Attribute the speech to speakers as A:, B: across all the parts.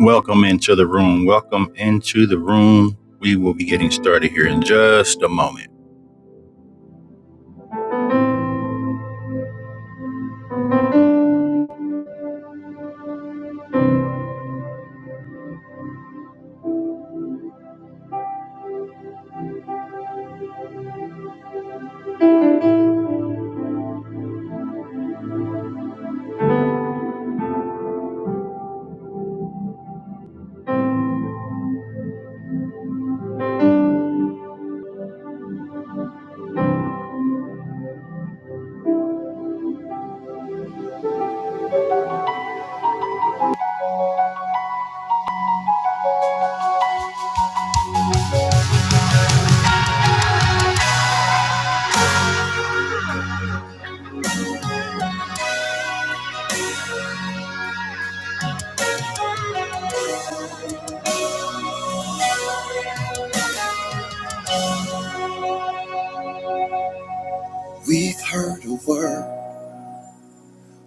A: Welcome into the room. Welcome into the room. We will be getting started here in just a moment. We've heard a word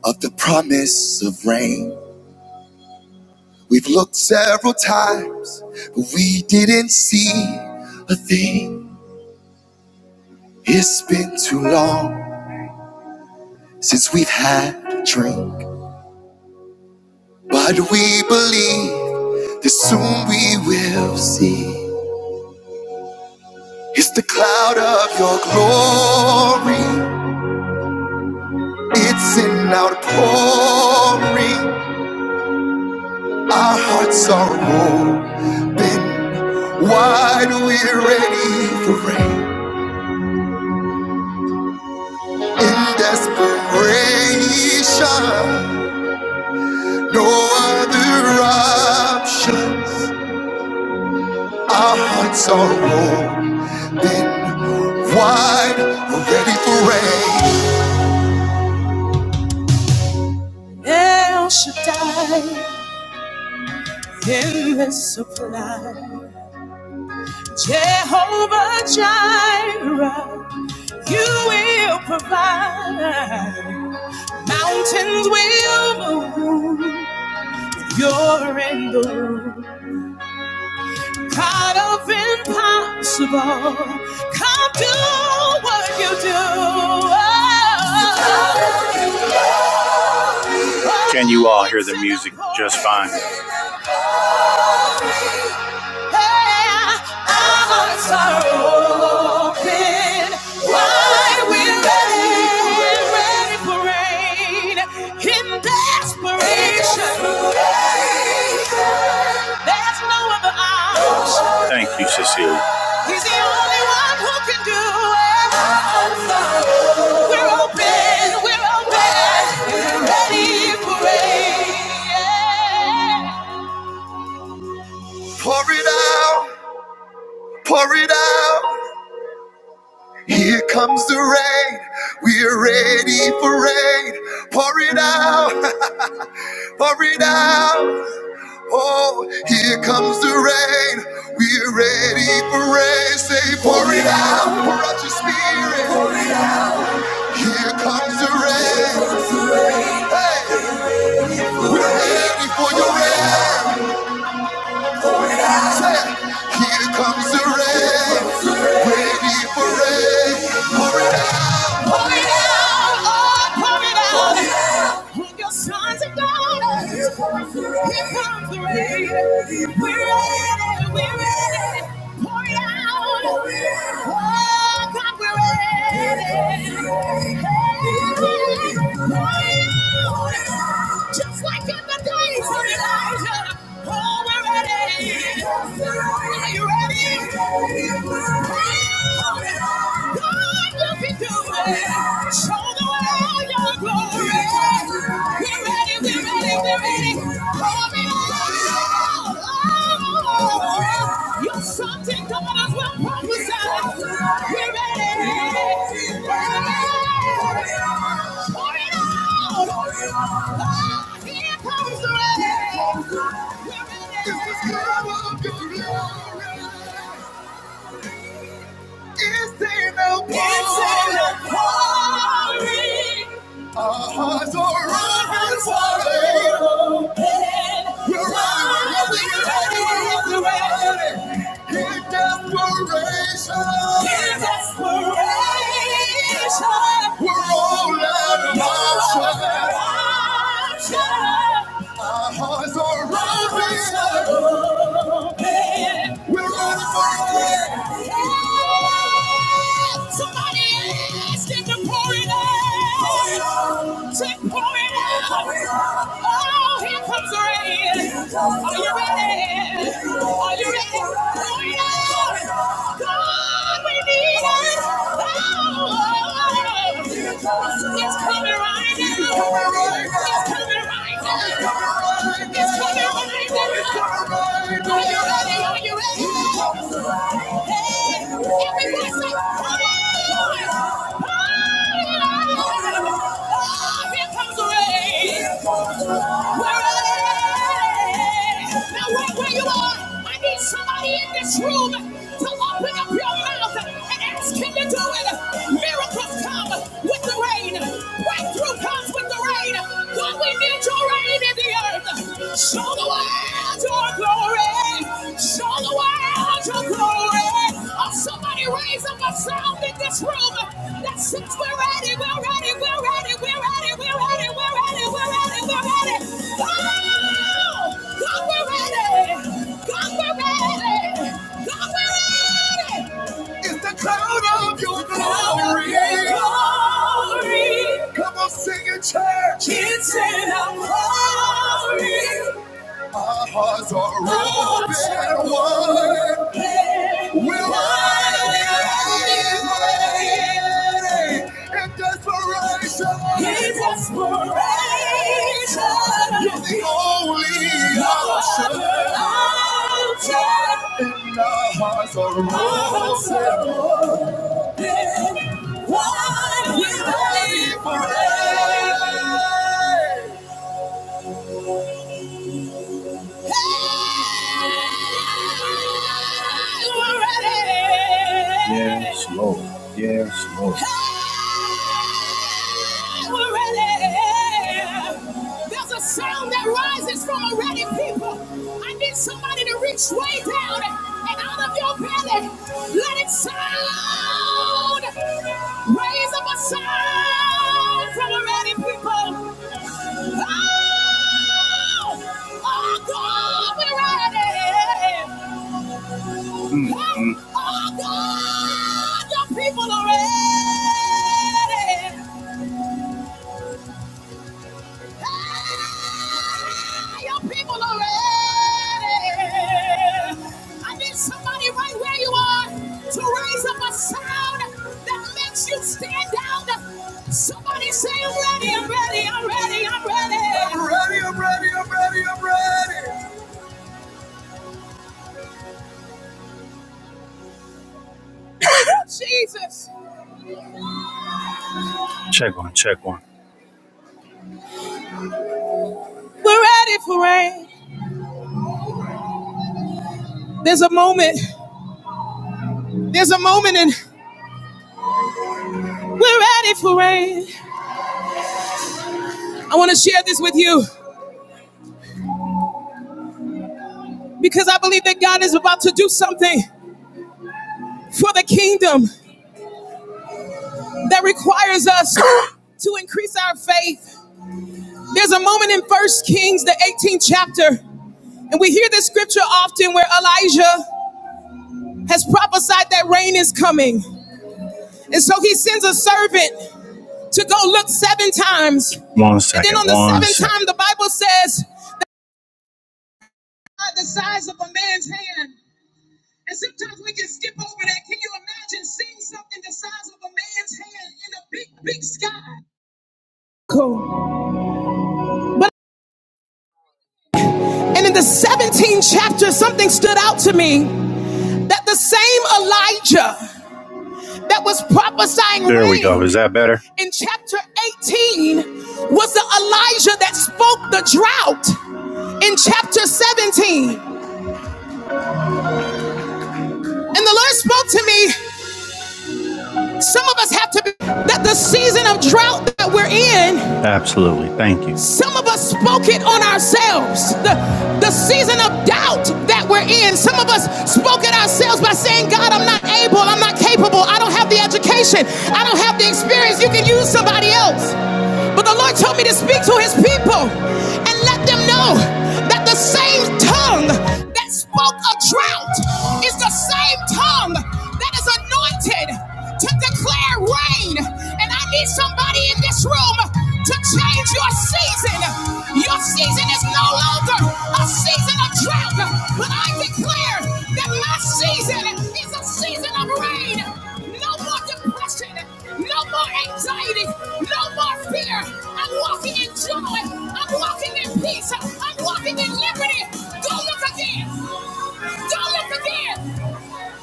A: of the promise of rain. We've looked several times, but we didn't see a thing. It's been too long since we've had a drink, but we believe that soon we will see. It's the cloud of your glory It's an outpouring. Our hearts are open, wide. We're ready for rain. In desperation, no other option. Our hearts are open, wide. We're ready for rain. El Shaddai, endless supply. Jehovah Jireh. You will provide. Mountains will move. You're in the room. God of impossible. Come do what you do. Can you all hear the music just fine? no Thank you, Cecile. He's the only one who can do it. We're open, we're open, we're ready for rain. Pour it out. Pour it out. Here comes the rain. We're ready for rain. Pour it out. Pour it out. Oh, here comes the rain. We're ready for rain. Say, pour it out. Pour out your spirit. Here comes the rain. Hey, we're ready for your rain. Say, here comes the rain. Ready for rain. Pour it out, oh, pour it out. On your sons and daughters. Here comes the rain. Here comes the rain. We're ready, we're ready. Pour it out. Oh, God, we're ready. Hey, pour it out. Just like in the days of Elijah. Oh, we're ready, we're ready, we're ready. Pour me out. Oh, oh, oh glory. Your sons and daughters will prophesy. We're ready. We're ready. Pour it out. Oh, here comes the rain. We're ready. This is God of glory. Is there no glory? Is there no quarry? Our hearts are open wide open. We're running, we're running, we're running. In desperation. In desperation. We're all out of options. Our hearts are open running we're ready for it. Yeah. Somebody ask him to pour it out. Say, pour it out. Oh, here comes rain. Are you ready? Are you ready? Pour it out. God, we need it. comes rain, we're ready. Now right Where are are? you? Now, I need somebody in this Room to open up your mouth and ask him to do it. Miracles come with the rain. Breakthrough comes with the rain. What we need to reign in the earth. Show the world your glory. Show the world your glory. Oh, somebody raise up a sound in this room that says we're ready, we're ready, we're ready, we're ready, we're ready, we're ready, we're ready, we're ready. Oh, God, we're ready. God, we're ready. God, we're ready. It's the cloud of your glory. glory. Come on, sing it, church. Our hearts are open wide. We're wide in desperation. In desperation. You're the only option. Our hearts are open wide. We're ready for it. Yes, Lord. Yes, Lord. We're ready. There's a sound that rises from a ready people. I need somebody to reach way down and out of your belly. Let it sound. Raise up a sound from a ready people. Mm, mm. Oh God, your people are ready. Hey, your people are ready. I need Somebody right where you are to raise up a sound that makes you stand out. Somebody say, I'm ready, I'm ready, I'm ready, I'm ready. I'm ready, I'm ready, I'm ready, I'm ready. Jesus. Check one, check one. We're ready for rain. There's a moment. There's a moment, and we're ready for rain. I want to share this with you because I believe that God is about to do something for the kingdom that requires us to increase our faith. There's a moment in First Kings, the 18th chapter, and we hear this scripture often where Elijah has prophesied that rain is coming. And so he sends a servant to go look seven times. One second. And then on the one seventh second. time, the Bible says, by the size of a man's hand. And sometimes we can skip over that. Can you imagine seeing something the size of a man's hand in a big, big sky? Cool. But and in the 17th chapter, something stood out to me that the same Elijah that was prophesying There we go. Is that better? in chapter 18 was the Elijah that spoke the drought in chapter 17. And the Lord spoke to me. Some of us have to be that the season of drought that we're in, Absolutely. Thank you. some of us spoke it on ourselves. The, the season of doubt that we're in, some of us spoke it ourselves by saying, God, I'm not able, I'm not capable, I don't have the education, I don't have the experience. You can use somebody else. But the Lord told me to speak to his people and let them know that the same tongue that spoke a drought is the same tongue that is anointed anointed to declare rain. And I need somebody in this room to change your season. Your season is no longer a season of drought, but I declare that my season is a season of rain. No more depression, no more anxiety, no more fear. I'm walking in joy, I'm walking in peace, I'm walking in liberty. Go look again, go look again,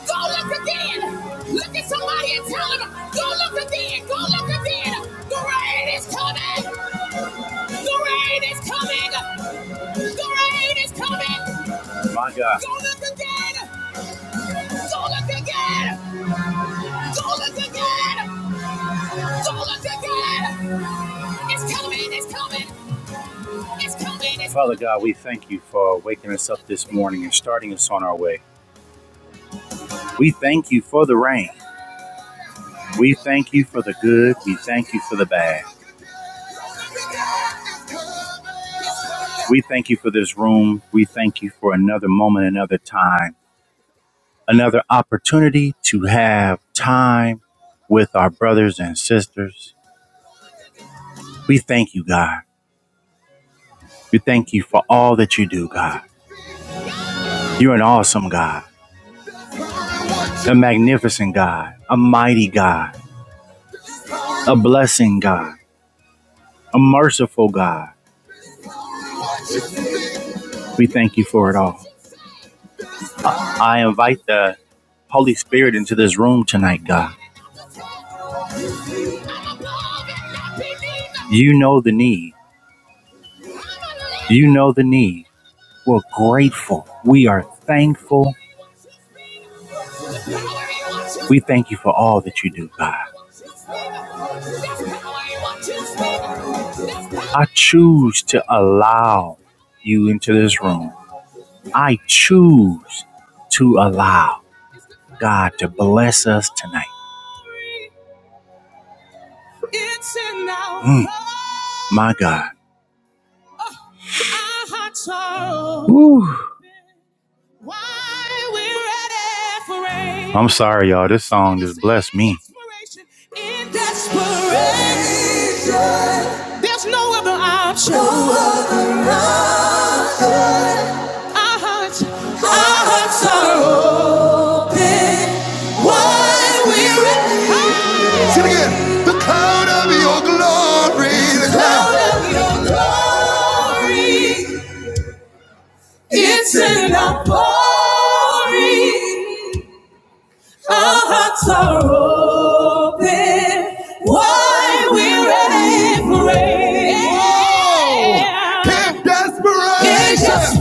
A: go look again. Look at somebody and tell them, go look within, go look within. The rain is coming. The rain is coming. The rain is coming. My God. Go look again. Go look again. Go look again. Go look again. It's coming. It's coming. It's coming. It's Father God, we thank you for waking us up this morning and starting us on our way. We thank you for the rain. We thank you for the good. We thank you for the bad. We thank you for this room. We thank you for another moment, another time, another opportunity to have time with our brothers and sisters. We thank you, God. We thank you for all that you do, God. You're an awesome God, a magnificent God, a mighty God, a blessing God, a merciful God. We thank you for it all. I invite the Holy Spirit into this room tonight, God. You know the need. You know the need. We're grateful. We are thankful. We thank you for all that you do, God. I choose to allow you into this room. I choose to allow God to bless us tonight. Mm, my God. Whew. I'm sorry, y'all. This song just blessed me. there's no other option. Our hearts, our hearts are wide. We're ready. Say it again. The cloud of your glory. The cloud of your glory. It's an outpouring. Our hearts are open. Why we're Can't desperation.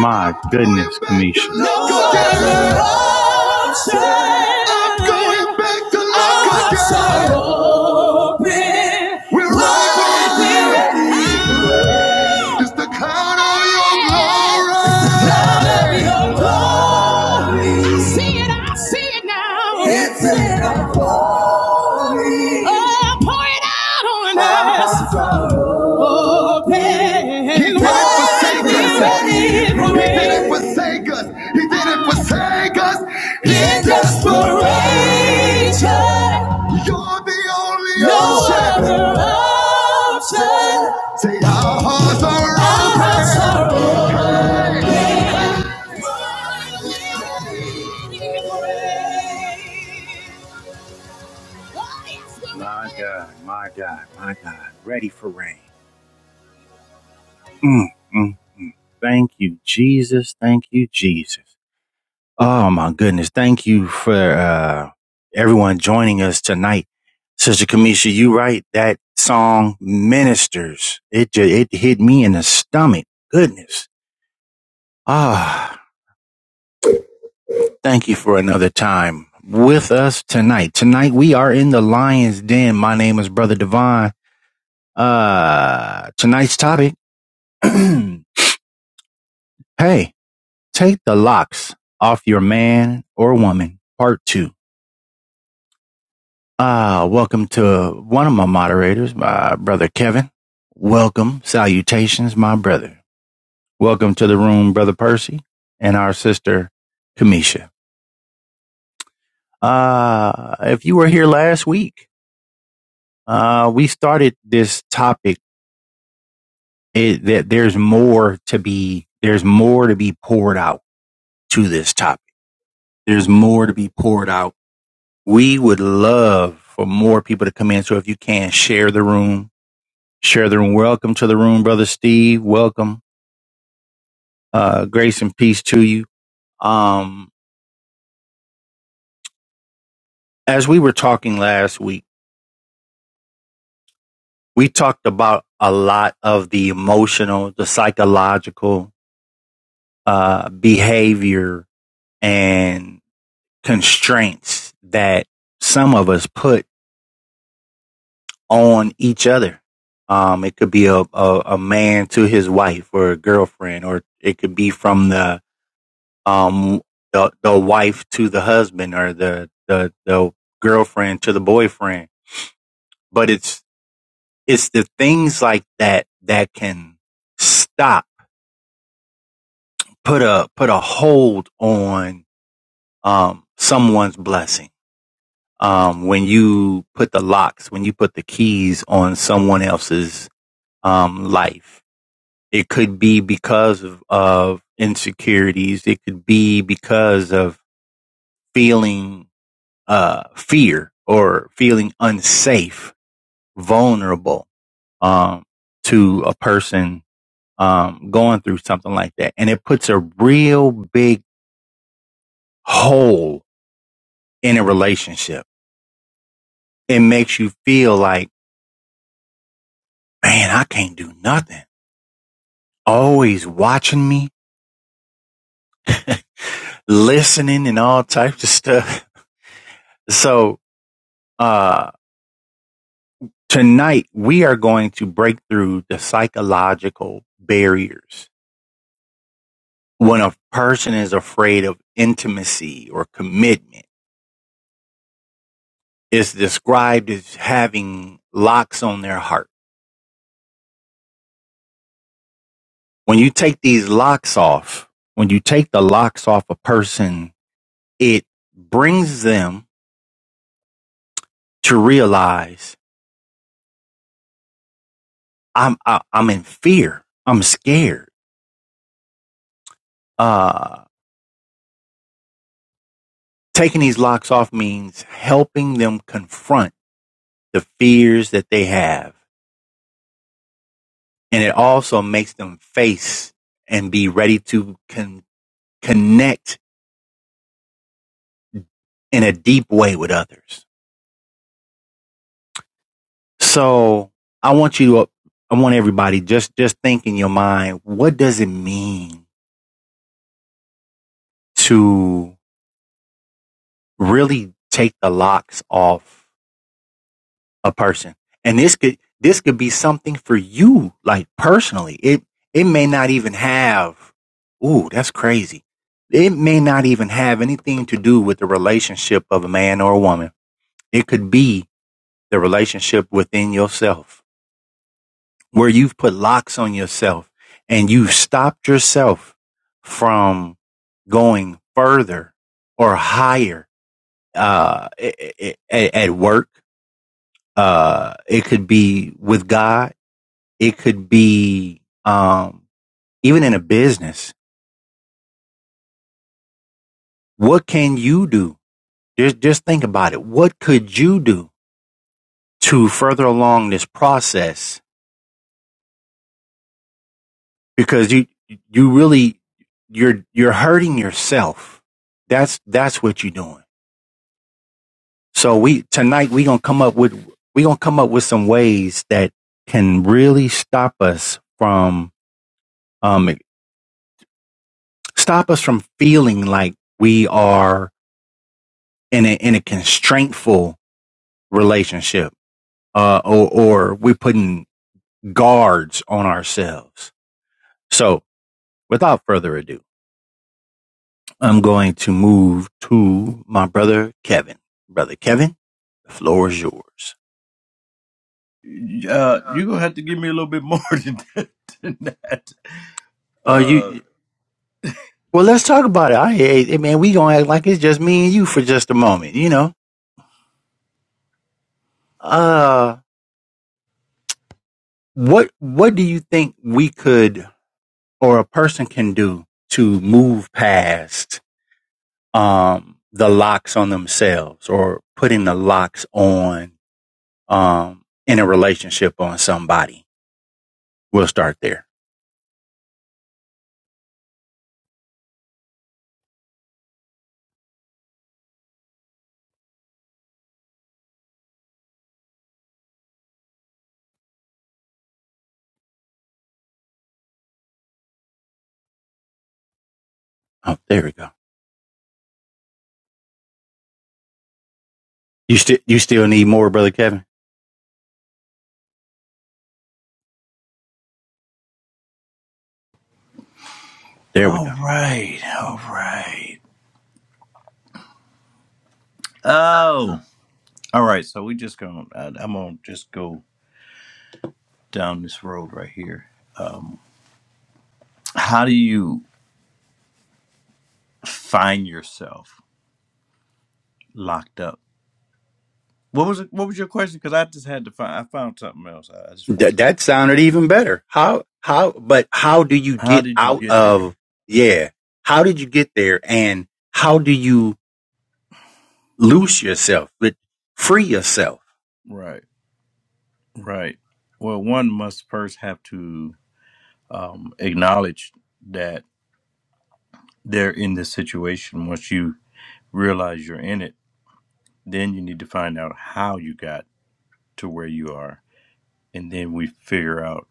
A: My goodness, Kanisha. No other option. I'm going back to Our hearts are open. We're ready. It's the cloud of your glory. Cloud of your glory. I see it, I see it now. It's Oh, pour it out on us. Open. He didn't forsake us. He didn't forsake us. He didn't forsake us. He just for Rachel. You're the only option. no Other option. Say our hearts are open. My God, my God, my God. Ready for rain. Mm, mm. Thank you, Jesus. Thank you, Jesus. Oh my goodness. Thank you for uh, everyone joining us tonight. Sister Kamisha, you right. That song ministers. It ju- it hit me in the stomach. Goodness. Ah, thank you for another time with us tonight. Tonight we are in the lion's den. My name is Brother Devon. Uh, tonight's topic. hey, take the locks off your man or woman. Part two. Uh, welcome to one of my moderators, my brother Kevin. Welcome. Salutations, my brother. Welcome to the room, brother Percy, and our sister, Kamisha. Uh, if you were here last week, uh, we started this topic it, that there's more to be, there's more to be poured out to this topic. There's more to be poured out. We would love for more people to come in. So if you can share the room, share the room. Welcome to the room, brother Steve. Welcome. Uh, grace and peace to you. Um, as we were talking last week, we talked about a lot of the emotional, the psychological, uh, behavior and constraints that some of us put on each other. Um, it could be a, a, a man to his wife or a girlfriend, or it could be from the, um the the wife to the husband or the the the girlfriend to the boyfriend but it's it's the things like that that can stop put a put a hold on um someone's blessing um when you put the locks when you put the keys on someone else's um life it could be because of, of insecurities it could be because of feeling uh, fear or feeling unsafe, vulnerable, um, to a person, um, going through something like that. And it puts a real big hole in a relationship. It makes you feel like, man, I can't do nothing. Always watching me, listening and all types of stuff. So, uh, tonight we are going to break through the psychological barriers when a person is afraid of intimacy or commitment, it's described as having locks on their heart. When you take these locks off, when you take the locks off a person, it brings them to realize I'm I, I'm in fear. I'm scared. Uh, taking these locks off means helping them confront the fears that they have, and it also makes them face and be ready to con- connect in a deep way with others. So I want you to, I want everybody just, just think in your mind, what does it mean to really take the locks off a person? And this could, this could be something for you, like personally. It, it may not even have, ooh, that's crazy. It may not even have anything to do with the relationship of a man or a woman. It could be the relationship within yourself where you've put locks on yourself and you've stopped yourself from going further or higher uh, at work. Uh, it could be with God. It could be um, even in a business. What can you do? Just, just think about it. What could you do to further along this process? Because you, you really, you're, you're hurting yourself. That's, that's what you're doing So we tonight we gonna come up with we gonna come up with some ways that can really stop us from um stop us from feeling like we are in a in a constraintful relationship uh or or we're putting guards on ourselves. So without further ado, I'm going to move to my brother Kevin. Brother Kevin, the floor is yours.
B: Uh, you're gonna have to give me a little bit more than that. Than that.
A: Uh you
B: Uh,
A: Well, let's talk about it. I hate man. We gonna act like it's just me and you for just a moment. You know, uh, what what do you think we could or a person can do to move past um the locks on themselves or putting the locks on um in a relationship on somebody? We'll start there. Oh, there we go. You still you still need more, brother Kevin. There we
B: all
A: go.
B: right, all right. Oh, all right. So we just gonna. I, I'm gonna just go down this road right here. Um, how do you find yourself locked up? What was it, what was your question? Because I just had to find. I found something else. I I just
A: That
B: wanted to.
A: that sounded even better. How how but how do you
B: How
A: get
B: did you
A: out
B: get there?
A: of yeah? How did you get there and how do you loose yourself, but free yourself?
B: Right, right. Well, one must first have to um, acknowledge that. they're in this situation, once you realize you're in it, then you need to find out how you got to where you are. And then we figure out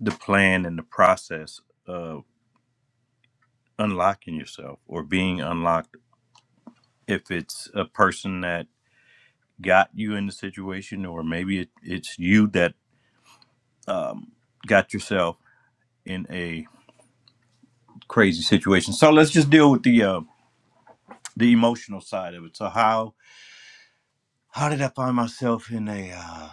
B: the plan and the process of unlocking yourself or being unlocked. If it's a person that got you in the situation, or maybe it, it's you that um, got yourself in a crazy situation. So let's just deal with the uh, the emotional side of it. So how how did I find myself in a uh,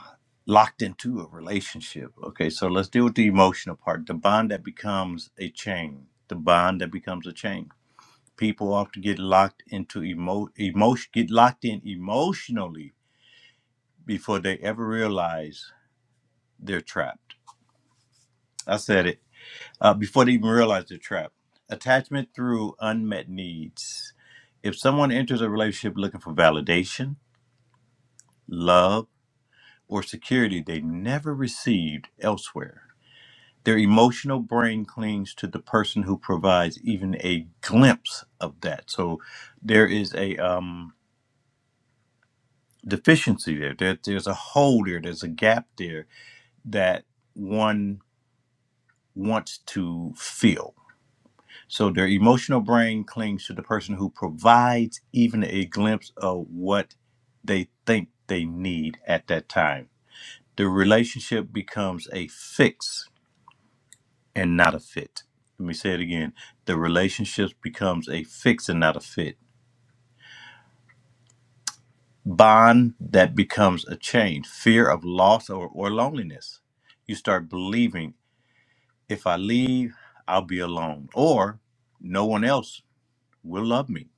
B: locked into a relationship? Okay, so let's deal with the emotional part. The bond that becomes a chain. The bond that becomes a chain. People often get locked into emo emotion get locked in emotionally before they ever realize they're trapped. I said it. Uh, before they even realize they're trapped. Attachment through unmet needs. If someone enters a relationship looking for validation, love or security they never received elsewhere. Their emotional brain clings to the person who provides even a glimpse of that. So there is a um, deficiency there. there. There's a hole there. There's a gap there that one wants to fill. So their emotional brain clings to the person who provides even a glimpse of what they think they need at that time. The relationship becomes a fix and not a fit. Let me say it again. The relationships becomes a fix and not a fit. Bond that becomes a change. Fear of loss or, or loneliness. You start believing if I leave, I'll be alone. Or no one else will love me.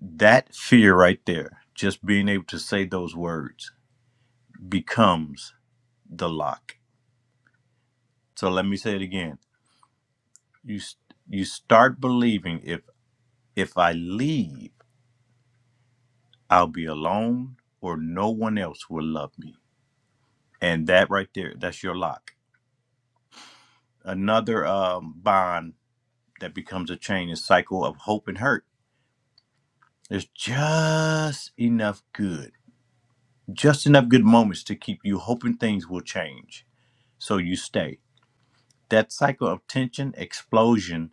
B: That fear right there, just being able to say those words, becomes the lock. So let me say it again. You s- you start believing if if I leave. I'll be alone or no one else will love me. And that right there, that's your lock. Another um, bond that becomes a chain is cycle of hope and hurt. There's just enough good, just enough good moments to keep you hoping things will change. So you stay. That cycle of tension, explosion,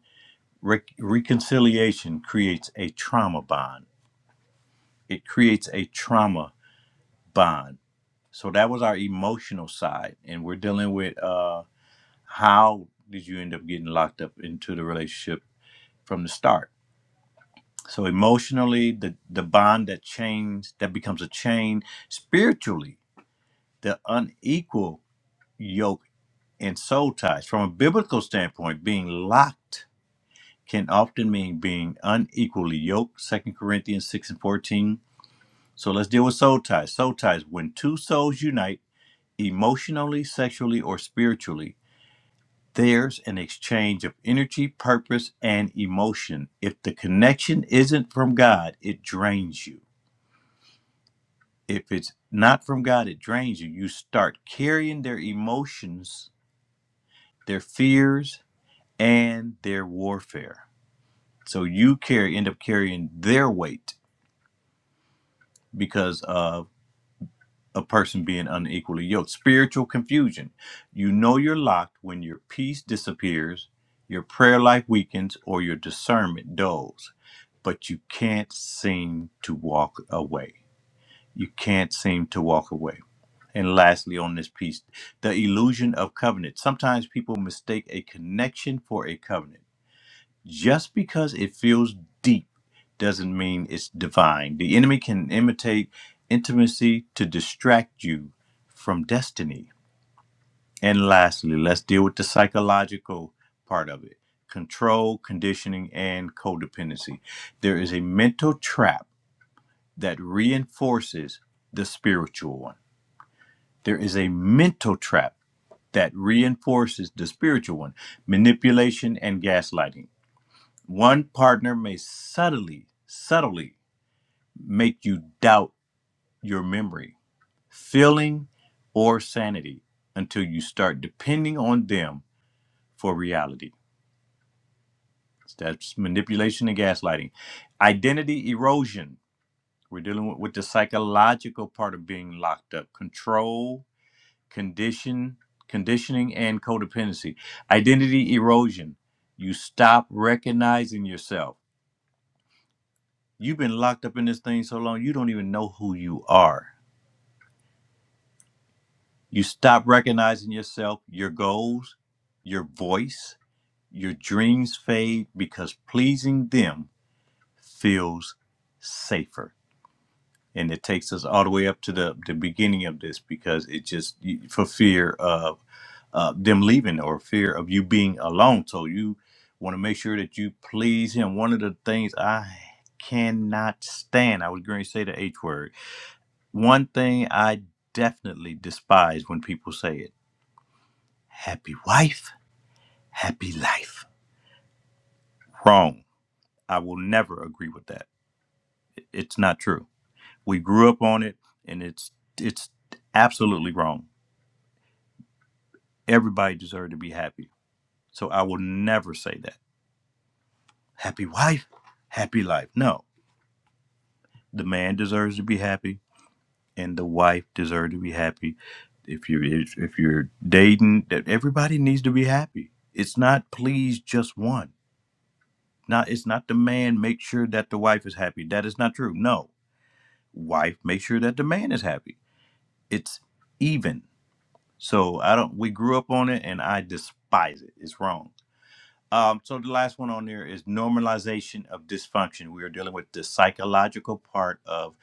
B: re- reconciliation creates a trauma bond. It creates a trauma bond. So that was our emotional side. And we're dealing with. Uh, how did you end up getting locked up into the relationship from the start so emotionally the the bond that chains that becomes a chain spiritually the unequal yoke and soul ties from a biblical standpoint being locked can often mean being unequally yoked Second corinthians 6 and 14 so let's deal with soul ties soul ties when two souls unite emotionally sexually or spiritually There's an exchange of energy, purpose, and emotion. If the connection isn't from God, it drains you. If it's not from God, it drains you. You start carrying their emotions, their fears, and their warfare. So you carry end up carrying their weight because of a person being unequally yoked. Spiritual confusion. You know you're locked when your peace disappears, your prayer life weakens, or your discernment dulls. but you can't seem to walk away. You can't seem to walk away. And lastly, on this piece, the illusion of covenant. Sometimes people mistake a connection for a covenant. Just because it feels deep doesn't mean it's divine. The enemy can imitate intimacy to distract you from destiny. And lastly, let's deal with the psychological part of it control, conditioning, and codependency. There is a mental trap that reinforces the spiritual one. There is a mental trap that reinforces the spiritual one manipulation and gaslighting. One partner may subtly, subtly make you doubt your memory, feeling, or sanity until you start depending on them for reality. That's manipulation and gaslighting. Identity erosion. We're dealing with, with the psychological part of being locked up, control, condition conditioning and codependency identity erosion you stop recognizing yourself you've been locked up in this thing so long you don't even know who you are you stop recognizing yourself your goals your voice your dreams fade because pleasing them feels safer and it takes us all the way up to the, the beginning of this because it just for fear of uh, them leaving or fear of you being alone so you want to make sure that you please him one of the things i cannot stand i was going to say the h word one thing i definitely despise when people say it happy wife happy life wrong i will never agree with that it's not true we grew up on it and it's it's absolutely wrong Everybody deserves to be happy. So I will never say that. Happy wife, happy life. No, the man deserves to be happy, and the wife deserves to be happy. If you if if you're dating, that everybody needs to be happy. It's not please just one. Not it's not the man make sure that the wife is happy. That is not true. No, wife make sure that the man is happy. It's even. So I don't. We grew up on it, and I despise it. It's wrong. Um, so the last one on there is normalization of dysfunction. We are dealing with the psychological part of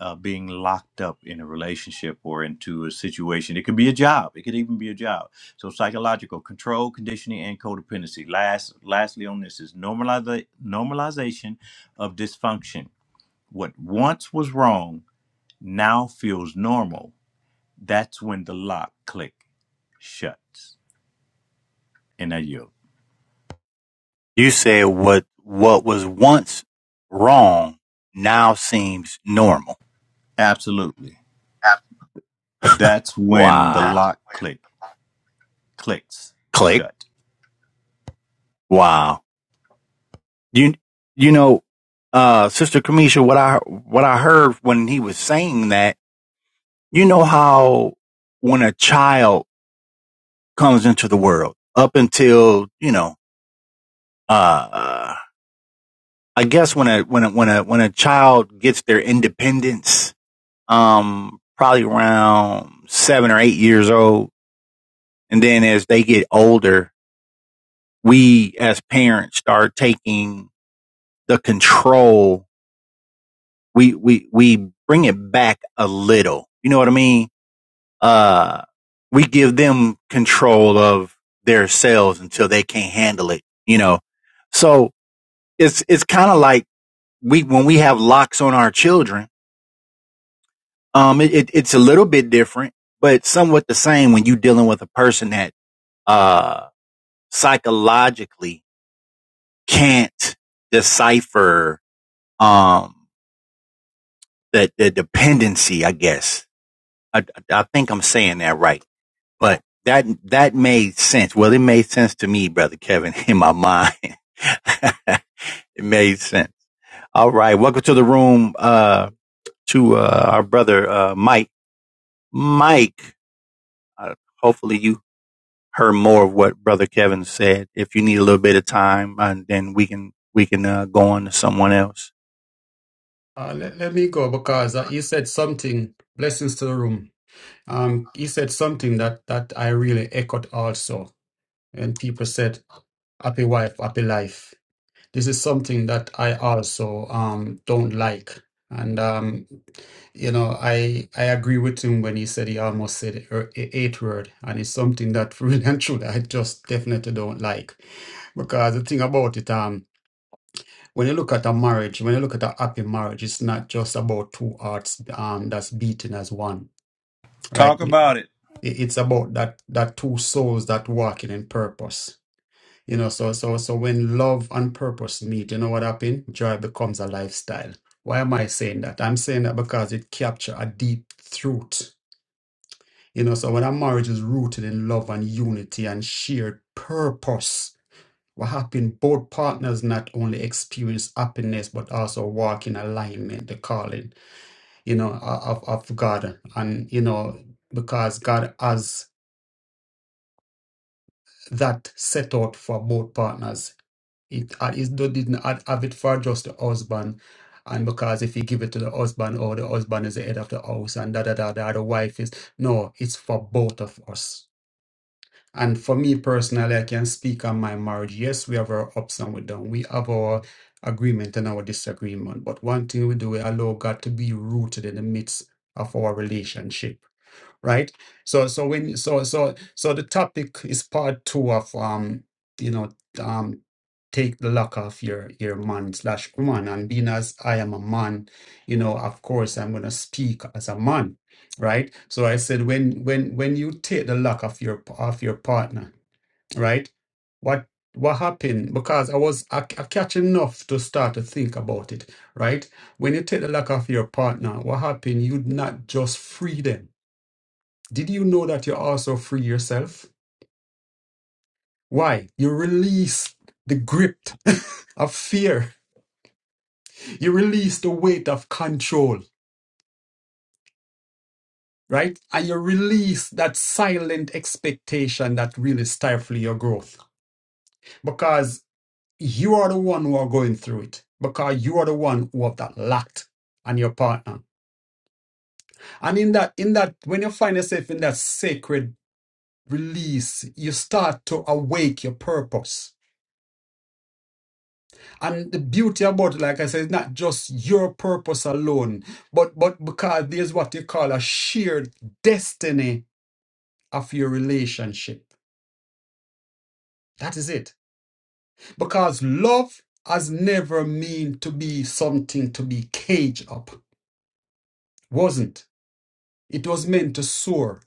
B: uh, being locked up in a relationship or into a situation. It could be a job. It could even be a job. So psychological control, conditioning, and codependency. Last, lastly on this is normaliza- normalization of dysfunction. What once was wrong now feels normal. That's when the lock click shuts. And I yield.
A: You said what what was once wrong now seems normal.
B: Absolutely. That's when the
A: Wow.
B: lock click clicks
A: Click.
B: shut.
A: Wow. You you know uh sister Kamisha what I what I heard when he was saying that, you know how when a child comes into the world up until you know uh i guess when a when a when a when a child gets their independence um probably around seven or eight years old and then as they get older we as parents start taking the control we we we bring it back a little you know what i mean uh we give them control of their selves until they can't handle it you know so it's it's kind of like we when we have locks on our children. Um, it, it it's a little bit different, but somewhat the same when you're dealing with a person that uh psychologically can't decipher um the the dependency. I guess I I think I'm saying that right, but that that made sense. Well, it made sense to me, brother Kevin, in my mind. it made sense. All right, welcome to the room. Uh, to uh, our brother uh, Mike. Mike, uh, hopefully you heard more of what Brother Kevin said. If you need a little bit of time, uh, then we can we can uh, go on to someone else.
C: Uh, let, let me go because uh, you said something. Blessings to the room. Um, he said something that that I really echoed also, and people said, "Happy wife, happy life." This is something that I also um don't like, and um, you know, I I agree with him when he said he almost said it, er, e- eight word, and it's something that really and truly I just definitely don't like, because the thing about it um when you look at a marriage, when you look at a happy marriage, it's not just about two hearts um, that's beating as one, right?
B: Talk
C: It-
B: about it.
C: It's about that that two souls that working in purpose. You know, so so so when love and purpose meet, you know what happens? Joy becomes a lifestyle. Why am I saying that? I'm saying that because it captures a deep truth. You know, so when a marriage is rooted in love and unity and shared purpose, what happened? Both partners not only experience happiness but also walk in alignment, the calling, you know, of, of God. And, you know, because God has that set out for both partners. It, uh, it do- didn't have have it for just the husband. And because if you give it to the husband, or the husband is the head of the house, and da da da da, the wife is. No, it's for both of us And for me personally, I can speak on my marriage. Yes, we have our ups and we don't. We have our agreement and our disagreement. But one thing we do, we allow God to be rooted in the midst of our relationship right so so when so so so the topic is part two of um you know um take the lock off your your man slash woman and being as i am a man you know of course i'm going to speak as a man right so i said when when when you take the lock off your off your partner right what what happened because i was I, I catch enough to start to think about it right when you take the lock off your partner what happened you not just free them did you know that you're also free yourself? Why? You release the grip of fear. You release the weight of control, right? And you release that silent expectation that really stifles your growth because you are the one who are going through it because you are the one who have that lacked and your partner. And in that, in that, when you find yourself in that sacred release, you start to awake your purpose And the beauty about it, like I said, it's not just your purpose alone, but but because there's what you call a shared destiny of your relationship. That is it. Because love has never meant to be something to be caged up. Wasn't. It was meant to soar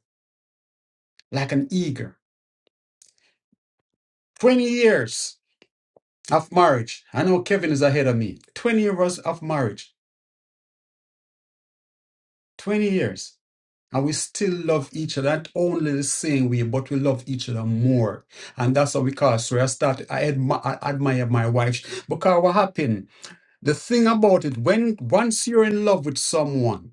C: like an eagle. 20 years of marriage. I know Kevin is ahead of me. 20 years of marriage. 20 years. And we still love each other, not only the same way, but we love each other more. And that's how we call So I start, I, admi- I admire my wife. Because what happened? The thing about it, when once you're in love with someone,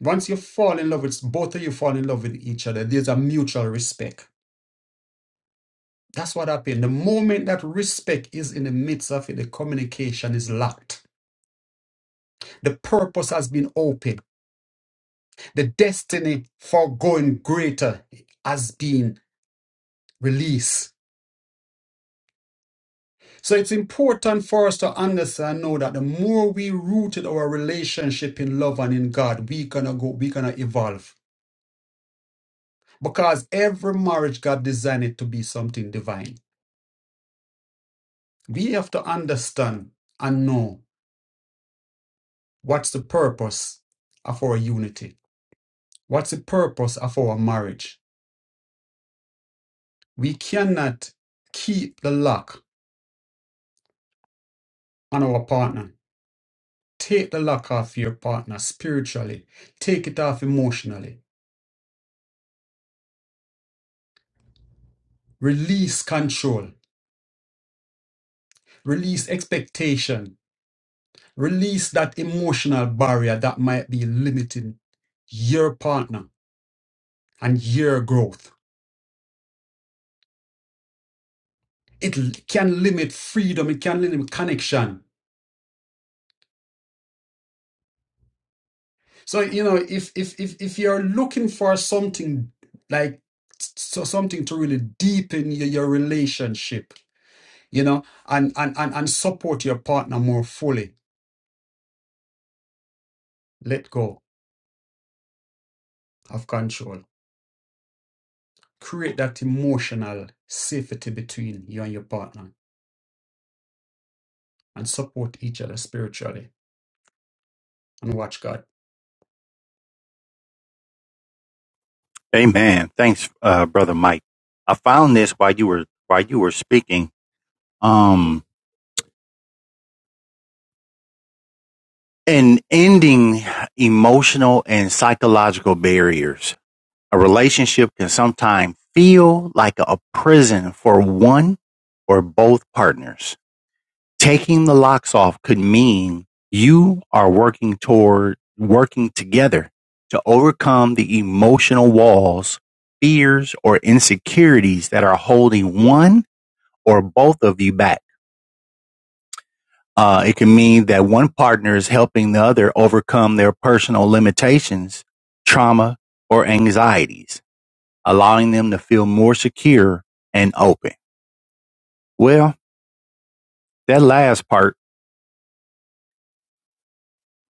C: once you fall in love with both of you fall in love with each other, there's a mutual respect. That's what happened. The moment that respect is in the midst of it, the communication is locked. The purpose has been opened. The destiny for going greater has been released So it's important for us to understand and know that the more we rooted our relationship in love and in God, we gonna go, we gonna evolve. Because every marriage God designed it to be something divine. We have to understand and know what's the purpose of our unity. What's the purpose of our marriage? We cannot keep the lock on our partner. Take the lock off your partner spiritually. Take it off emotionally. Release control Release expectation. Release that emotional barrier that might be limiting your partner and your growth. It l- can limit freedom. It can limit connection. So you know, if if if if you're looking for something like so something to really deepen your, your relationship, you know, and, and and and support your partner more fully, let go of control. Create that emotional safety between you and your partner and support each other spiritually and watch God.
A: Amen. Thanks, uh, Brother Mike. I found this while you were while you were speaking. Um, and ending emotional and psychological barriers. A relationship can sometimes feel like a prison for one or both partners taking the locks off could mean you are working toward working together to overcome the emotional walls, fears, or insecurities that are holding one or both of you back. Uh, it can mean that one partner is helping the other overcome their personal limitations, trauma, or anxieties, allowing them to feel more secure and open. Well, that last part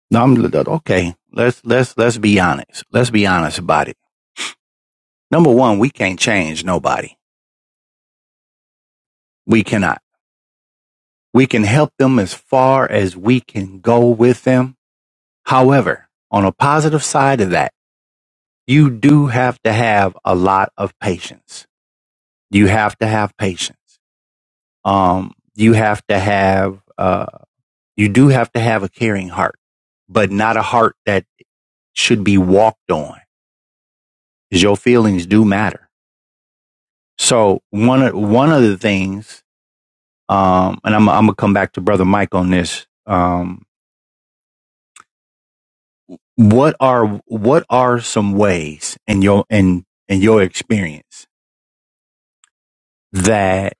A: No, I'm okay. Let's let's let's be honest. Let's be honest about it. Number one, we can't change nobody. We cannot. We can help them as far as we can go with them. However, on a positive side of that, you do have to have a lot of patience. You have to have patience. Um, you have to have uh, you do have to have a caring heart, but not a heart that should be walked on. Because your feelings do matter So one of one of the things, um, and I'm I'm gonna come back to brother Mike on this. Um, what are what are some ways in your in in your experience that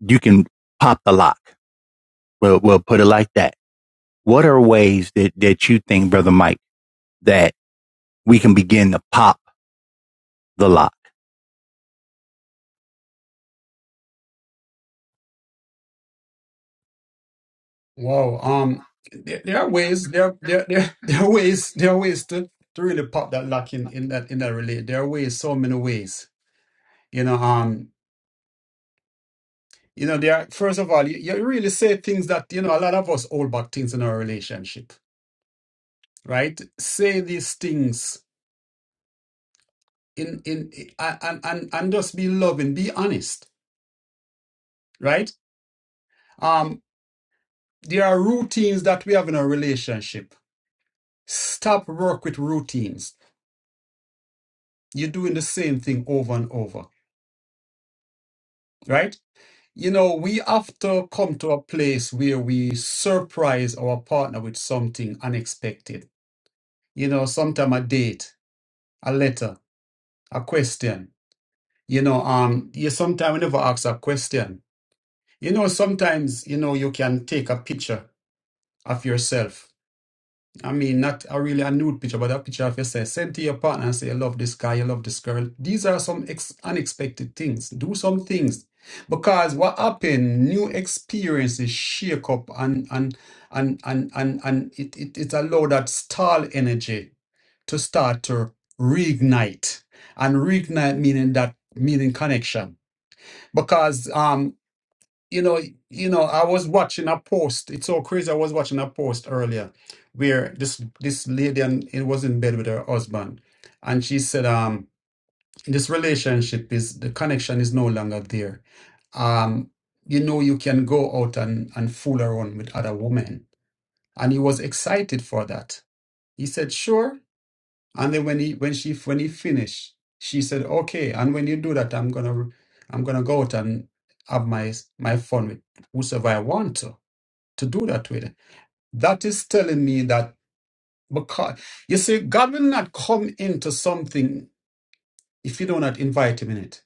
A: you can pop the lock? We'll we'll put it like that. What are ways that that you think, brother Mike, that we can begin to pop the lock?
C: Wow. Um there, there are ways there there there there are ways there are ways to, to really pop that lock in, in that in that relate. There are ways, so many ways. You know, um you know, there are, first of all, you, you really say things that, you know, a lot of us hold back things in our relationship, right? Say these things in in i- and and and just be loving, be honest, right? Um there are routines that we have in our relationship. Stop work with routines You're doing the same thing over and over, right? You know, we have to come to a place where we surprise our partner with something unexpected. You know, sometime a date, a letter, a question. You know, um, you sometimes never ask a question. You know, sometimes, you know, you can take a picture of yourself I mean, not a really a nude picture, but a picture of yourself. Send to your partner and say, I love this guy, I love this girl. These are some ex unexpected things. Do some things. Because what happened, new experiences shake up and and and and and, and it, it, it allow that stall energy to start to reignite. And reignite meaning that meaning connection. Because um you know, you know, I was watching a post. It's so crazy. I was watching a post earlier where this this lady and it was in bed with her husband, and she said, um, this relationship is the connection is no longer there. Um, you know, you can go out and and fool around with other women, and he was excited for that. He said, sure. And then when he when she when he finished, she said, "Okay, and when you do that, I'm gonna I'm gonna go out and have my my fun with whosoever I want to to do that with." That is telling me that because you see, God will not come into something if you do not invite Him in it.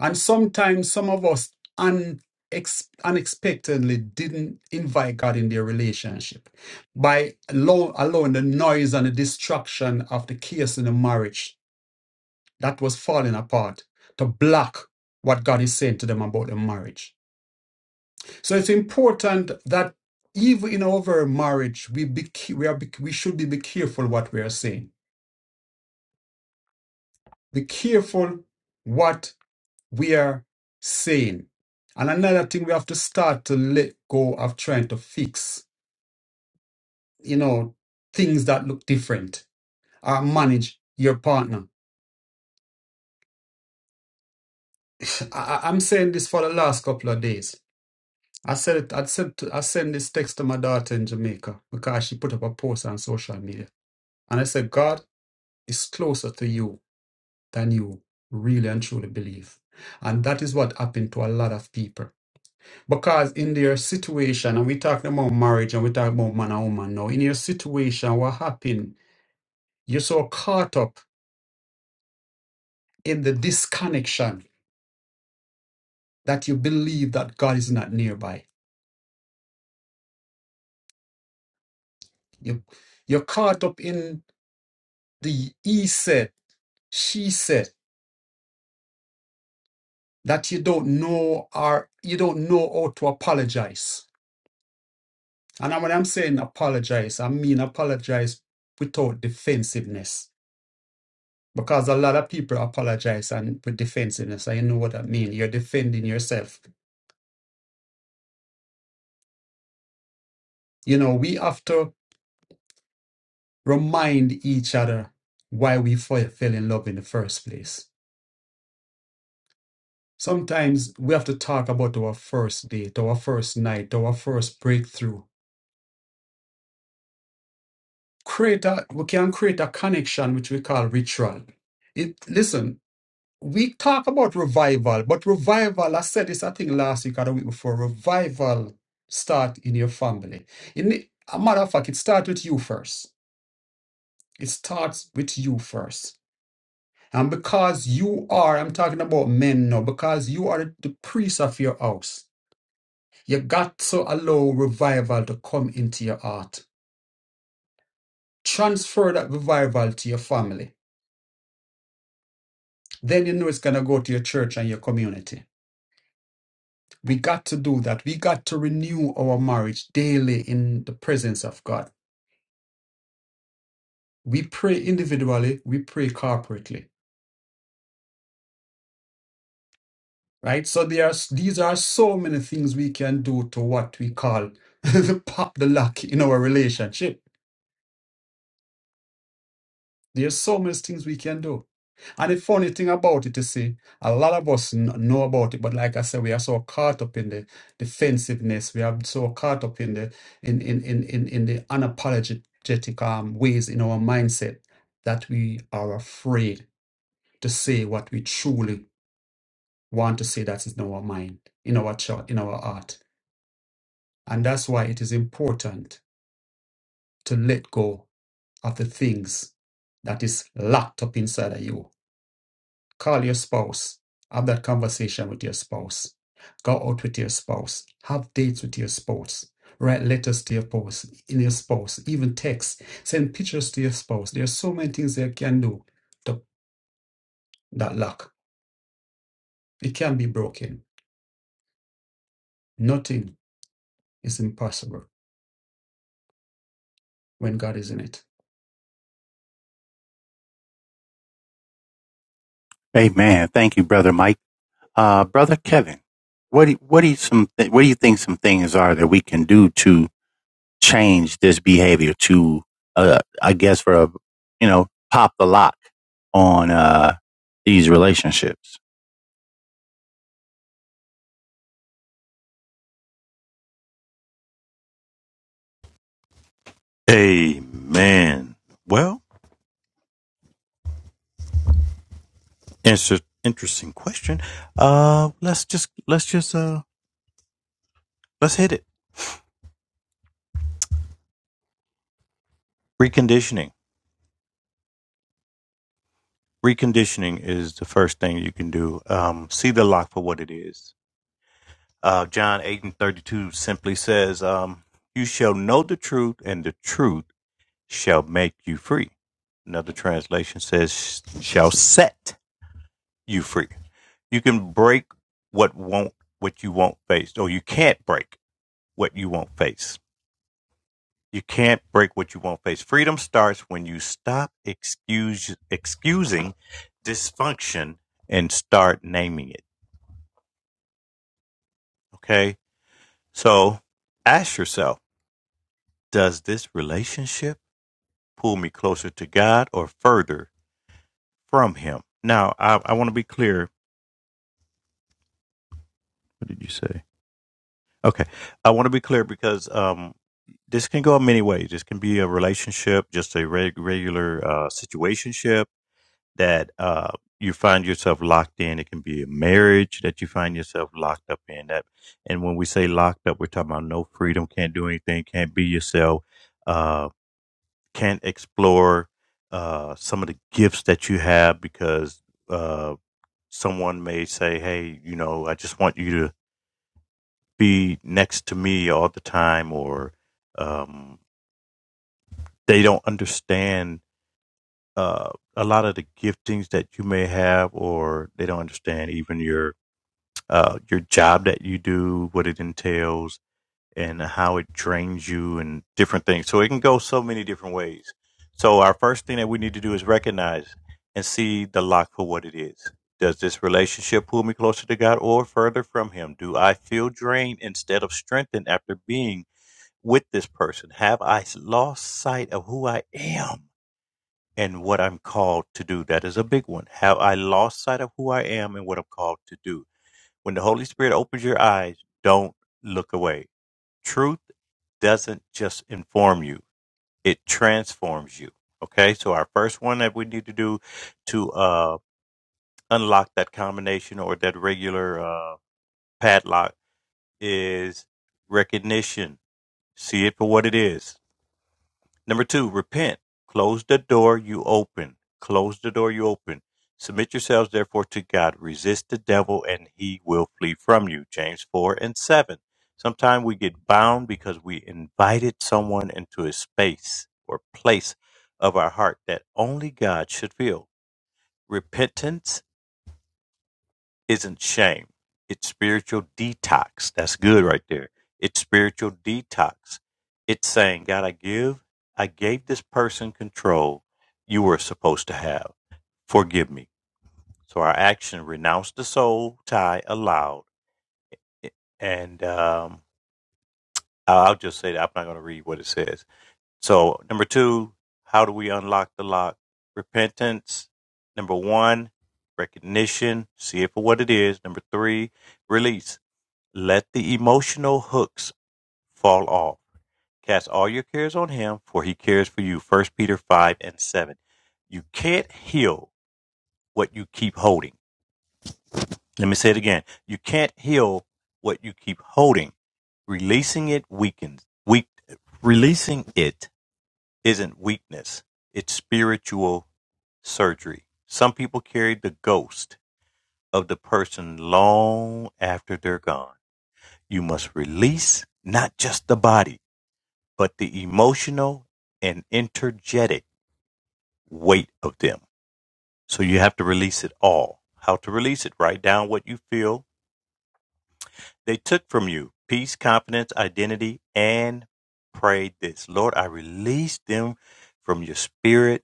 C: And sometimes some of us un, ex, unexpectedly didn't invite God in their relationship by allow, allowing the noise and the distraction of the chaos in the marriage that was falling apart to block what God is saying to them about their marriage. So it's important that even in our very marriage, we be, we, are, we should be, be careful what we are saying. Be careful what we are saying. And another thing we have to start to let go of trying to fix, you know, things that look different or manage your partner. I, I- I'm saying this for the last couple of days I said it. I said to, I sent this text to my daughter in Jamaica because she put up a post on social media, and I said, God is closer to you than you really and truly believe, and that is what happened to a lot of people because in their situation, and we talking about marriage and we talking about man and woman now. In your situation, what happened? You're so caught up in the disconnection that you believe that God is not nearby. You you're caught up in the he said, she said. that you don't know or you don't know how to apologize. And when I'm saying apologize, I mean apologize without defensiveness. Because a lot of people apologize and with defensiveness. I know what I mean. You're defending yourself. You know, we have to remind each other why we fe- fell in love in the first place. Sometimes we have to talk about our first date, our first night, our first breakthrough create a we can create a connection which we call ritual. It listen, we talk about revival, but revival, I said this I think last week or the week before, revival start in your family. In the- a matter of fact, it starts with you first. It starts with you first. And because you are, I'm talking about men now, because you are the priest of your house, you got to allow revival to come into your heart. Transfer that revival to your family then you know it's going to go to your church and your community. We got to do that. We got to renew our marriage daily in the presence of God. We pray individually, we pray corporately, right? So there are these are so many things we can do to what we call the pop the lock in our relationship. There's so many things we can do. And the funny thing about it, you see, a lot of us n- know about it, but like I said, we are so caught up in the defensiveness. We are so caught up in the in in in in, in the unapologetic um, ways in our mindset that we are afraid to say what we truly want to say. That is in our mind, in our thought, in our heart, and that's why it is important to let go of the things that is locked up inside of you Call your spouse. Have that conversation with your spouse. Go out with your spouse. Have dates with your spouse. Write letters to your spouse, in your spouse, even text. Send pictures to your spouse. There are so many things they can do to that lock. It can be broken. Nothing is impossible when God is in it.
A: Amen. Thank you, brother Mike. Uh, brother Kevin, what do, what do you some th- what do you think some things are that we can do to change this behavior to, uh, I guess, for a, you know, pop the lock on uh, these relationships.
B: Amen. Well, inter- interesting question. Uh, let's just let's just uh let's hit it. Reconditioning. Reconditioning is the first thing you can do. Um, see the lock for what it is. Uh, John eight and thirty two simply says, um, "You shall know the truth, and the truth shall make you free." Another translation says, "Shall set." you free. You can break what won't what you won't face, or you can't break what you won't face. You can't break what you won't face. Freedom starts when you stop excuse excusing dysfunction and start naming it. Okay? So ask yourself, does this relationship pull me closer to God or further from him? Now I, I want to be clear. What did you say? Okay. I want to be clear because um this can go many ways. This can be a relationship, just a reg- regular uh, situationship that uh, you find yourself locked in. It can be a marriage that you find yourself locked up in. That, and when we say locked up, we're talking about no freedom, can't do anything, can't be yourself, uh, can't explore uh, some of the gifts that you have because uh, someone may say, "Hey, you know, I just want you to be next to me all the time," or um, they don't understand uh, a lot of the giftings that you may have, or they don't understand even your uh, your job that you do, what it entails, and how it drains you, and different things. So it can go so many different ways. So our first thing that we need to do is recognize and see the lock for what it is. Does this relationship pull me closer to God or further from Him? Do I feel drained instead of strengthened after being with this person? Have I lost sight of who I am? and what I'm called to do. That is a big one. Have I lost sight of who I am and what I'm called to do? When the Holy Spirit opens your eyes, don't look away. Truth doesn't just inform you, it transforms you. Okay, so our first one that we need to do to uh, unlock that combination or that regular uh, padlock is recognition. See it for what it is. Number two, repent. Close the door you open. Close the door you open. Submit yourselves therefore to God. Resist the devil and he will flee from you. James 4 and 7. Sometimes we get bound because we invited someone into a space or place of our heart that only God should fill. Repentance isn't shame. It's spiritual detox. That's good right there. It's spiritual detox. It's saying, God, I give, I gave this person control you were supposed to have. Forgive me. So our action renounced the soul tie aloud, And um, I'll just say that I'm not going to read what it says. So number two, how do we unlock the lock? Repentance. Number one, recognition. See it for what it is. Number three, release Let the emotional hooks fall off. Cast all your cares on him, for he cares for you. First Peter 5 and 7. You can't heal what you keep holding. Let me say it again. You can't heal what you keep holding. Releasing it weakens. Weak, releasing it isn't weakness, it's spiritual surgery. Some people carry the ghost of the person long after they're gone. You must release not just the body. but the emotional and energetic weight of them. So you have to release it all. How to release it? Write down what you feel they took from you peace, confidence, identity, and pray this Lord, I release them from your spirit.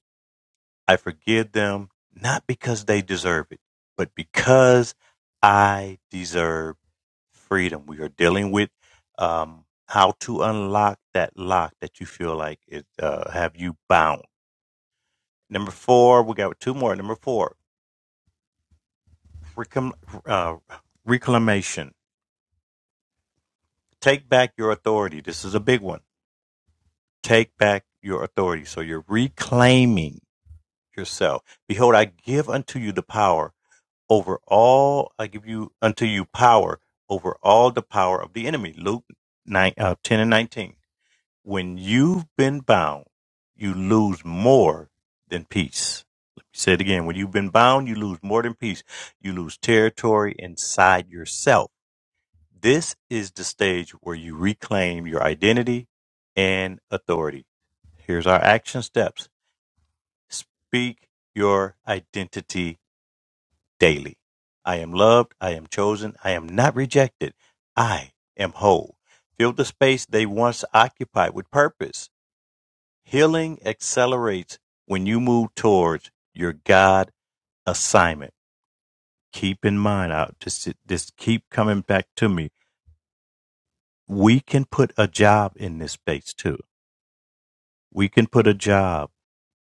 B: I forgive them, not because they deserve it, but because I deserve freedom. We are dealing with um, how to unlock that lock that you feel like it uh, have you bound Number four, we got two more. Number four, reclam- uh, reclamation. Take back your authority. This is a big one. Take back your authority. So you're reclaiming yourself. Behold, I give unto you the power over all. I give you unto you power over all the power of the enemy. Luke 9, uh, 10 and 19. When you've been bound, you lose more than peace. Let me say it again. When you've been bound, you lose more than peace. You lose territory inside yourself. This is the stage where you reclaim your identity and authority. Here's our action steps speak your identity daily. I am loved. I am chosen. I am not rejected. I am whole. Fill the space they once occupied with purpose. Healing accelerates when you move towards your God assignment. Keep in mind, I just this keep coming back to me. We can put a job in this space too. We can put a job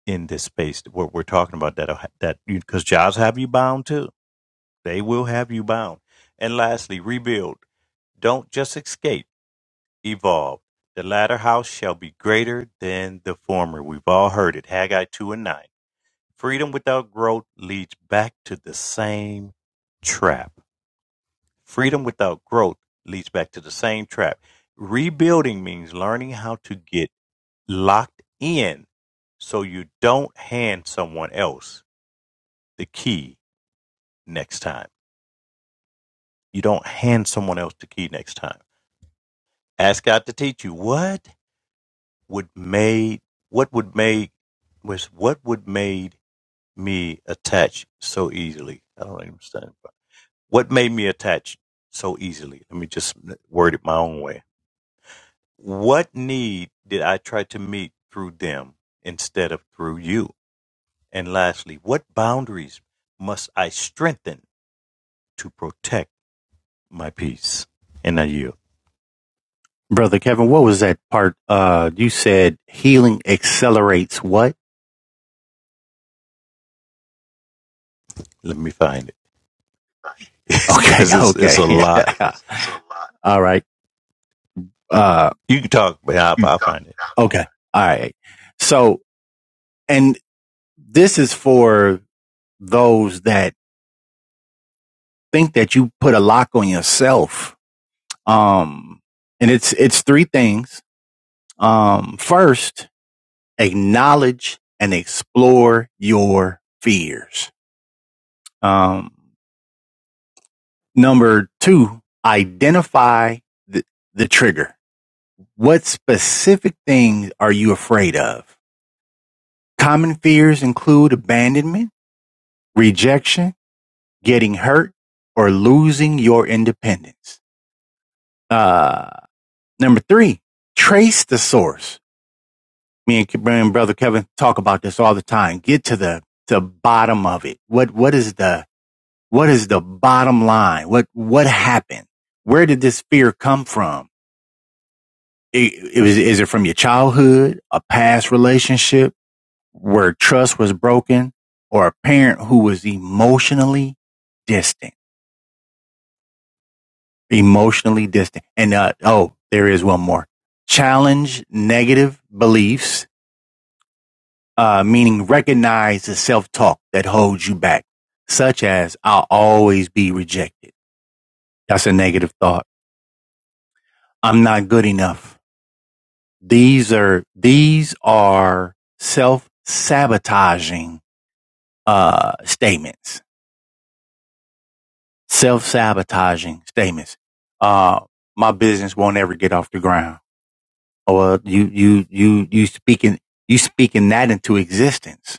B: in this space what we're talking about that that because jobs have you bound too. They will have you bound. And lastly, rebuild. Don't just escape, evolve. The latter house shall be greater than the former. We've all heard it. Haggai 2 and 9. Freedom without growth leads back to the same trap. Freedom without growth leads back to the same trap. Rebuilding means learning how to get locked in so you don't hand someone else the key next time. You don't hand someone else the key next time. Ask God to teach you what would made what would make was what would made me attach so easily. I don't even understand. What made me attach so easily? Let me just word it my own way. What need did I try to meet through them instead of through you? And lastly, what boundaries must I strengthen to protect my peace? And I yield.
A: Brother Kevin, what was that part? Uh, you said healing accelerates what?
B: Let me find it.
A: Okay,
B: because it's, it's
A: okay.
B: a lot.
A: Yeah. All right. Uh,
B: You can talk, but I'll, I'll find it.
A: okay. All right. So, and this is for those that think that you put a lock on yourself. Um, and it's, it's three things. Um, first, acknowledge and explore your fears. Um, number two, identify the, the trigger. What specific things are you afraid of? Common fears include abandonment, rejection, getting hurt, or losing your independence. Uh, number three, trace the source. Me and, me and brother Kevin talk about this all the time. Get to the, the bottom of it. What, what is the, What is the bottom line? What, what happened? Where did this fear come from? It, it was, is it from your childhood, a past relationship where trust was broken or a parent who was emotionally distant, emotionally distant? And, uh, oh, there is one more challenge negative beliefs, uh, meaning recognize the self talk that holds you back, such as I'll always be rejected. That's a negative thought. I'm not good enough. These are these are self sabotaging uh, statements. Self sabotaging statements. Uh, my business won't ever get off the ground. Or you you you you speaking you speaking that into existence.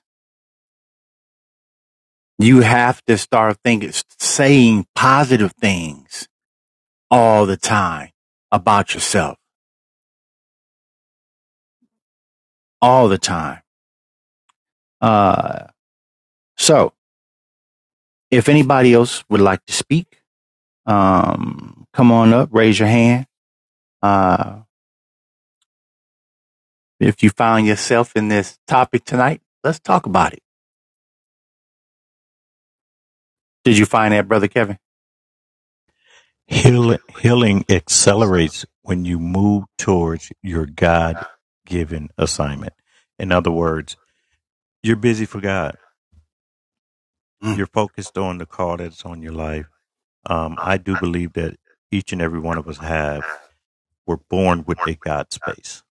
A: You have to start thinking, saying positive things all the time about yourself, all the time. Uh, so if anybody else would like to speak, um, come on up, raise your hand. Uh, if you found yourself in this topic tonight, let's talk about it. Did you find that, Brother Kevin?
B: Heal, healing accelerates when you move towards your God given assignment. In other words, you're busy for God
A: Mm,
B: you're focused on the call that's on your life. Um, I do believe that each and every one of us have, we're born with a God space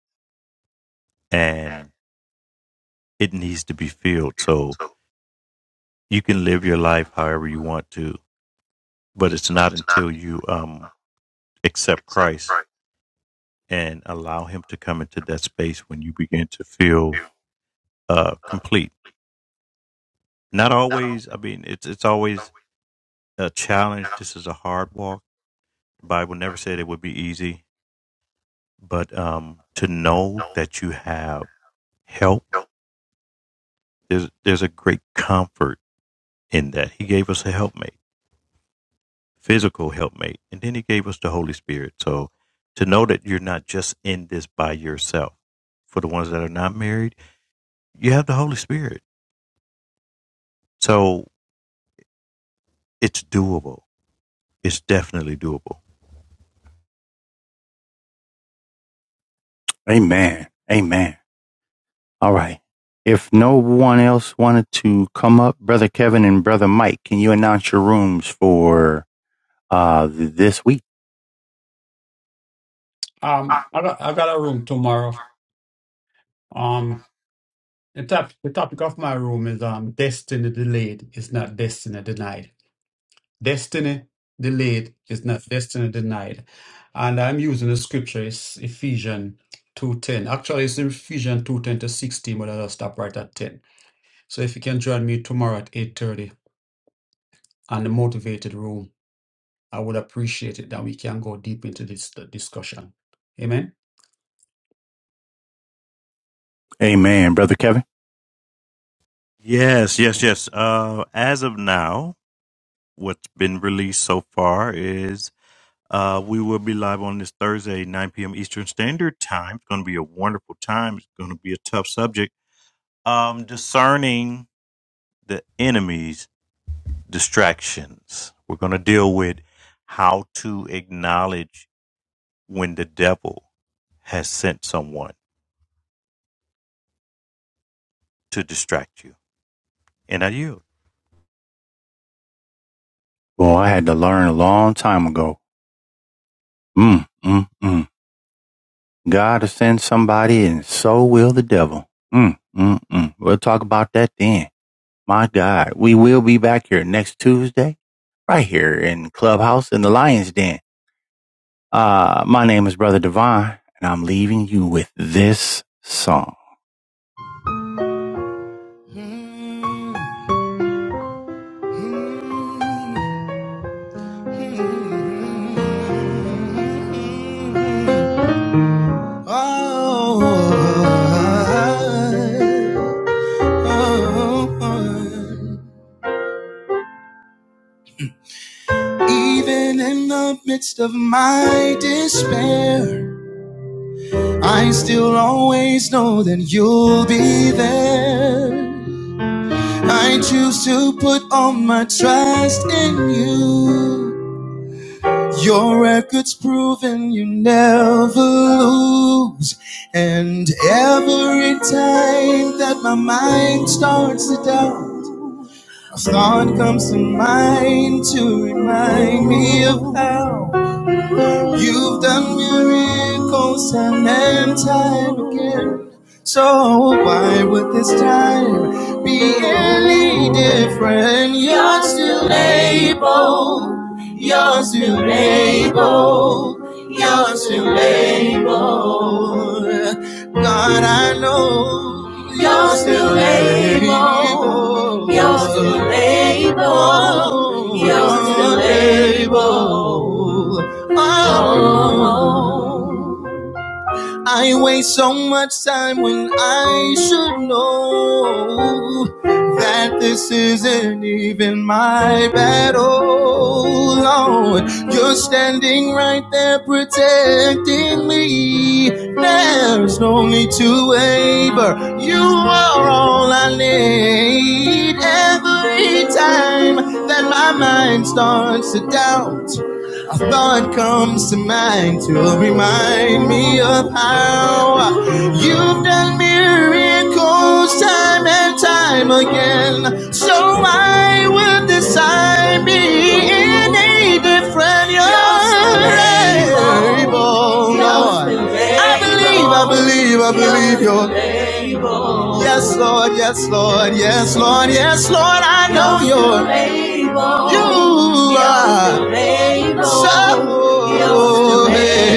B: and it needs to be filled. So you can live your life however you want to, but it's not until you um, accept Christ and allow Him to come into that space when you begin to feel uh, complete. Not always, I mean, it's, it's always a challenge. This is a hard walk. The Bible never said it would be easy but um, to know that you have help, there's, there's a great comfort in that. He gave us a helpmate, physical helpmate, and then He gave us the Holy Spirit. So to know that you're not just in this by yourself. For the ones that are not married, you have the Holy Spirit. So it's doable. It's definitely doable.
A: amen. Amen. All right. If no one else wanted to come up, Brother Kevin and Brother Mike, can you announce your rooms for uh, this week?
C: Um, I got I got a room tomorrow. Um, the top, the topic of my room is um destiny delayed is not destiny denied. Destiny delayed is not destiny denied. And I'm using the scripture It's Ephesians 2.10. Actually, it's in Ephesians 2.10 to 16, but I'll stop right at 10. So if you can join me tomorrow at 8.30 on the motivated room, I would appreciate it that we can go deep into this uh, discussion. Amen.
A: Amen, Brother Kevin.
B: Yes, yes, yes. Uh, as of now, what's been released so far is Uh, we will be live on this Thursday, 9 p.m. Eastern Standard Time. It's going to be a wonderful time. It's going to be a tough subject. Um, discerning the enemy's distractions. We're going to deal with how to acknowledge when the devil has sent someone to distract you. And I yield.
A: Well, I had to learn a long time ago. Mm, mm, mm. God will send somebody, and so will the devil. Mm, mm, mm. We'll talk about that then. My God, we will be back here next Tuesday, right here in Clubhouse in the Lion's Den. Uh, my name is Brother Divine, and I'm leaving you with this song. Oh, oh, oh. Even in the midst of my despair. I still always know that you'll be there. I choose to put all my trust in you. Your record's proven you never lose. And every time that my mind starts to doubt, a thought comes to mind to remind me of how. You've done miracles time and time again. So why would this time be any different? You're still able. You're still able. You're still able. God, I know you're still able. You're still able. You're still able. Oh, I waste so much time when I should know that this isn't even my battle, Lord. You're standing right there protecting me. There's no need to waver. You are all I need. Every time that my mind starts to doubt, thought comes to mind to remind me of how you've done miracles time and time again. So why would this decide be in a different your you're able. Now I believe, I believe, I believe you're. able. Yes, Lord, yes, Lord, yes, Lord, yes, Lord, I know you're. able. You are so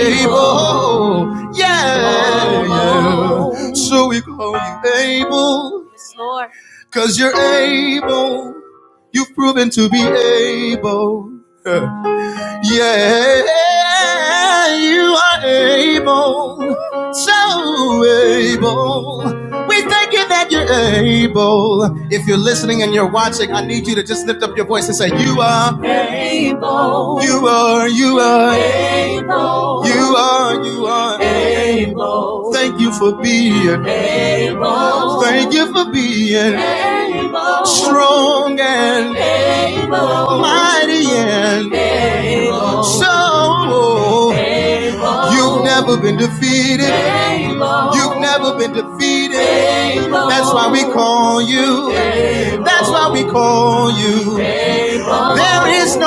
A: able. Yeah, yeah. So we call you able. Cause you're able. You've proven to be able. Yeah. Yeah, you are able so able. We thank you that you're able. If you're listening and you're watching, I need you to just lift up your voice and say, You are able. You are, you are able. You are, you are able. Thank you for being able. Thank you for being able. Strong and able. Mighty and able. So, You've you." never, you That's why we there is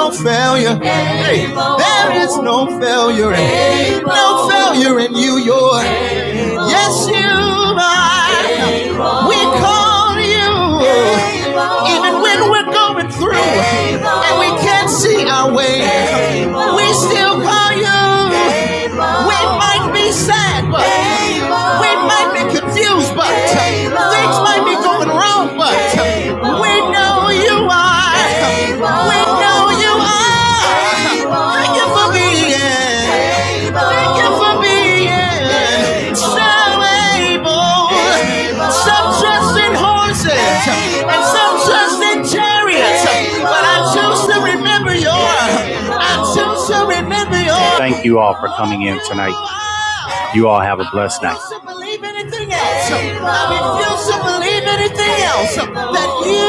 A: hey, there is no no failure. Yes, yeah. we come even when through and we can't see our way, we still call you. We might be sad, but we might be confused, but things might be going wrong, but we know you are. We know you are. Thank you for being. Thank you for being so able. Some trust in horses and some trust in chariots. But I choose to remember your. I choose to remember your. Thank you all for coming in tonight. You all have a blessed night. I refuse to believe anything else. I refuse to believe anything else that you.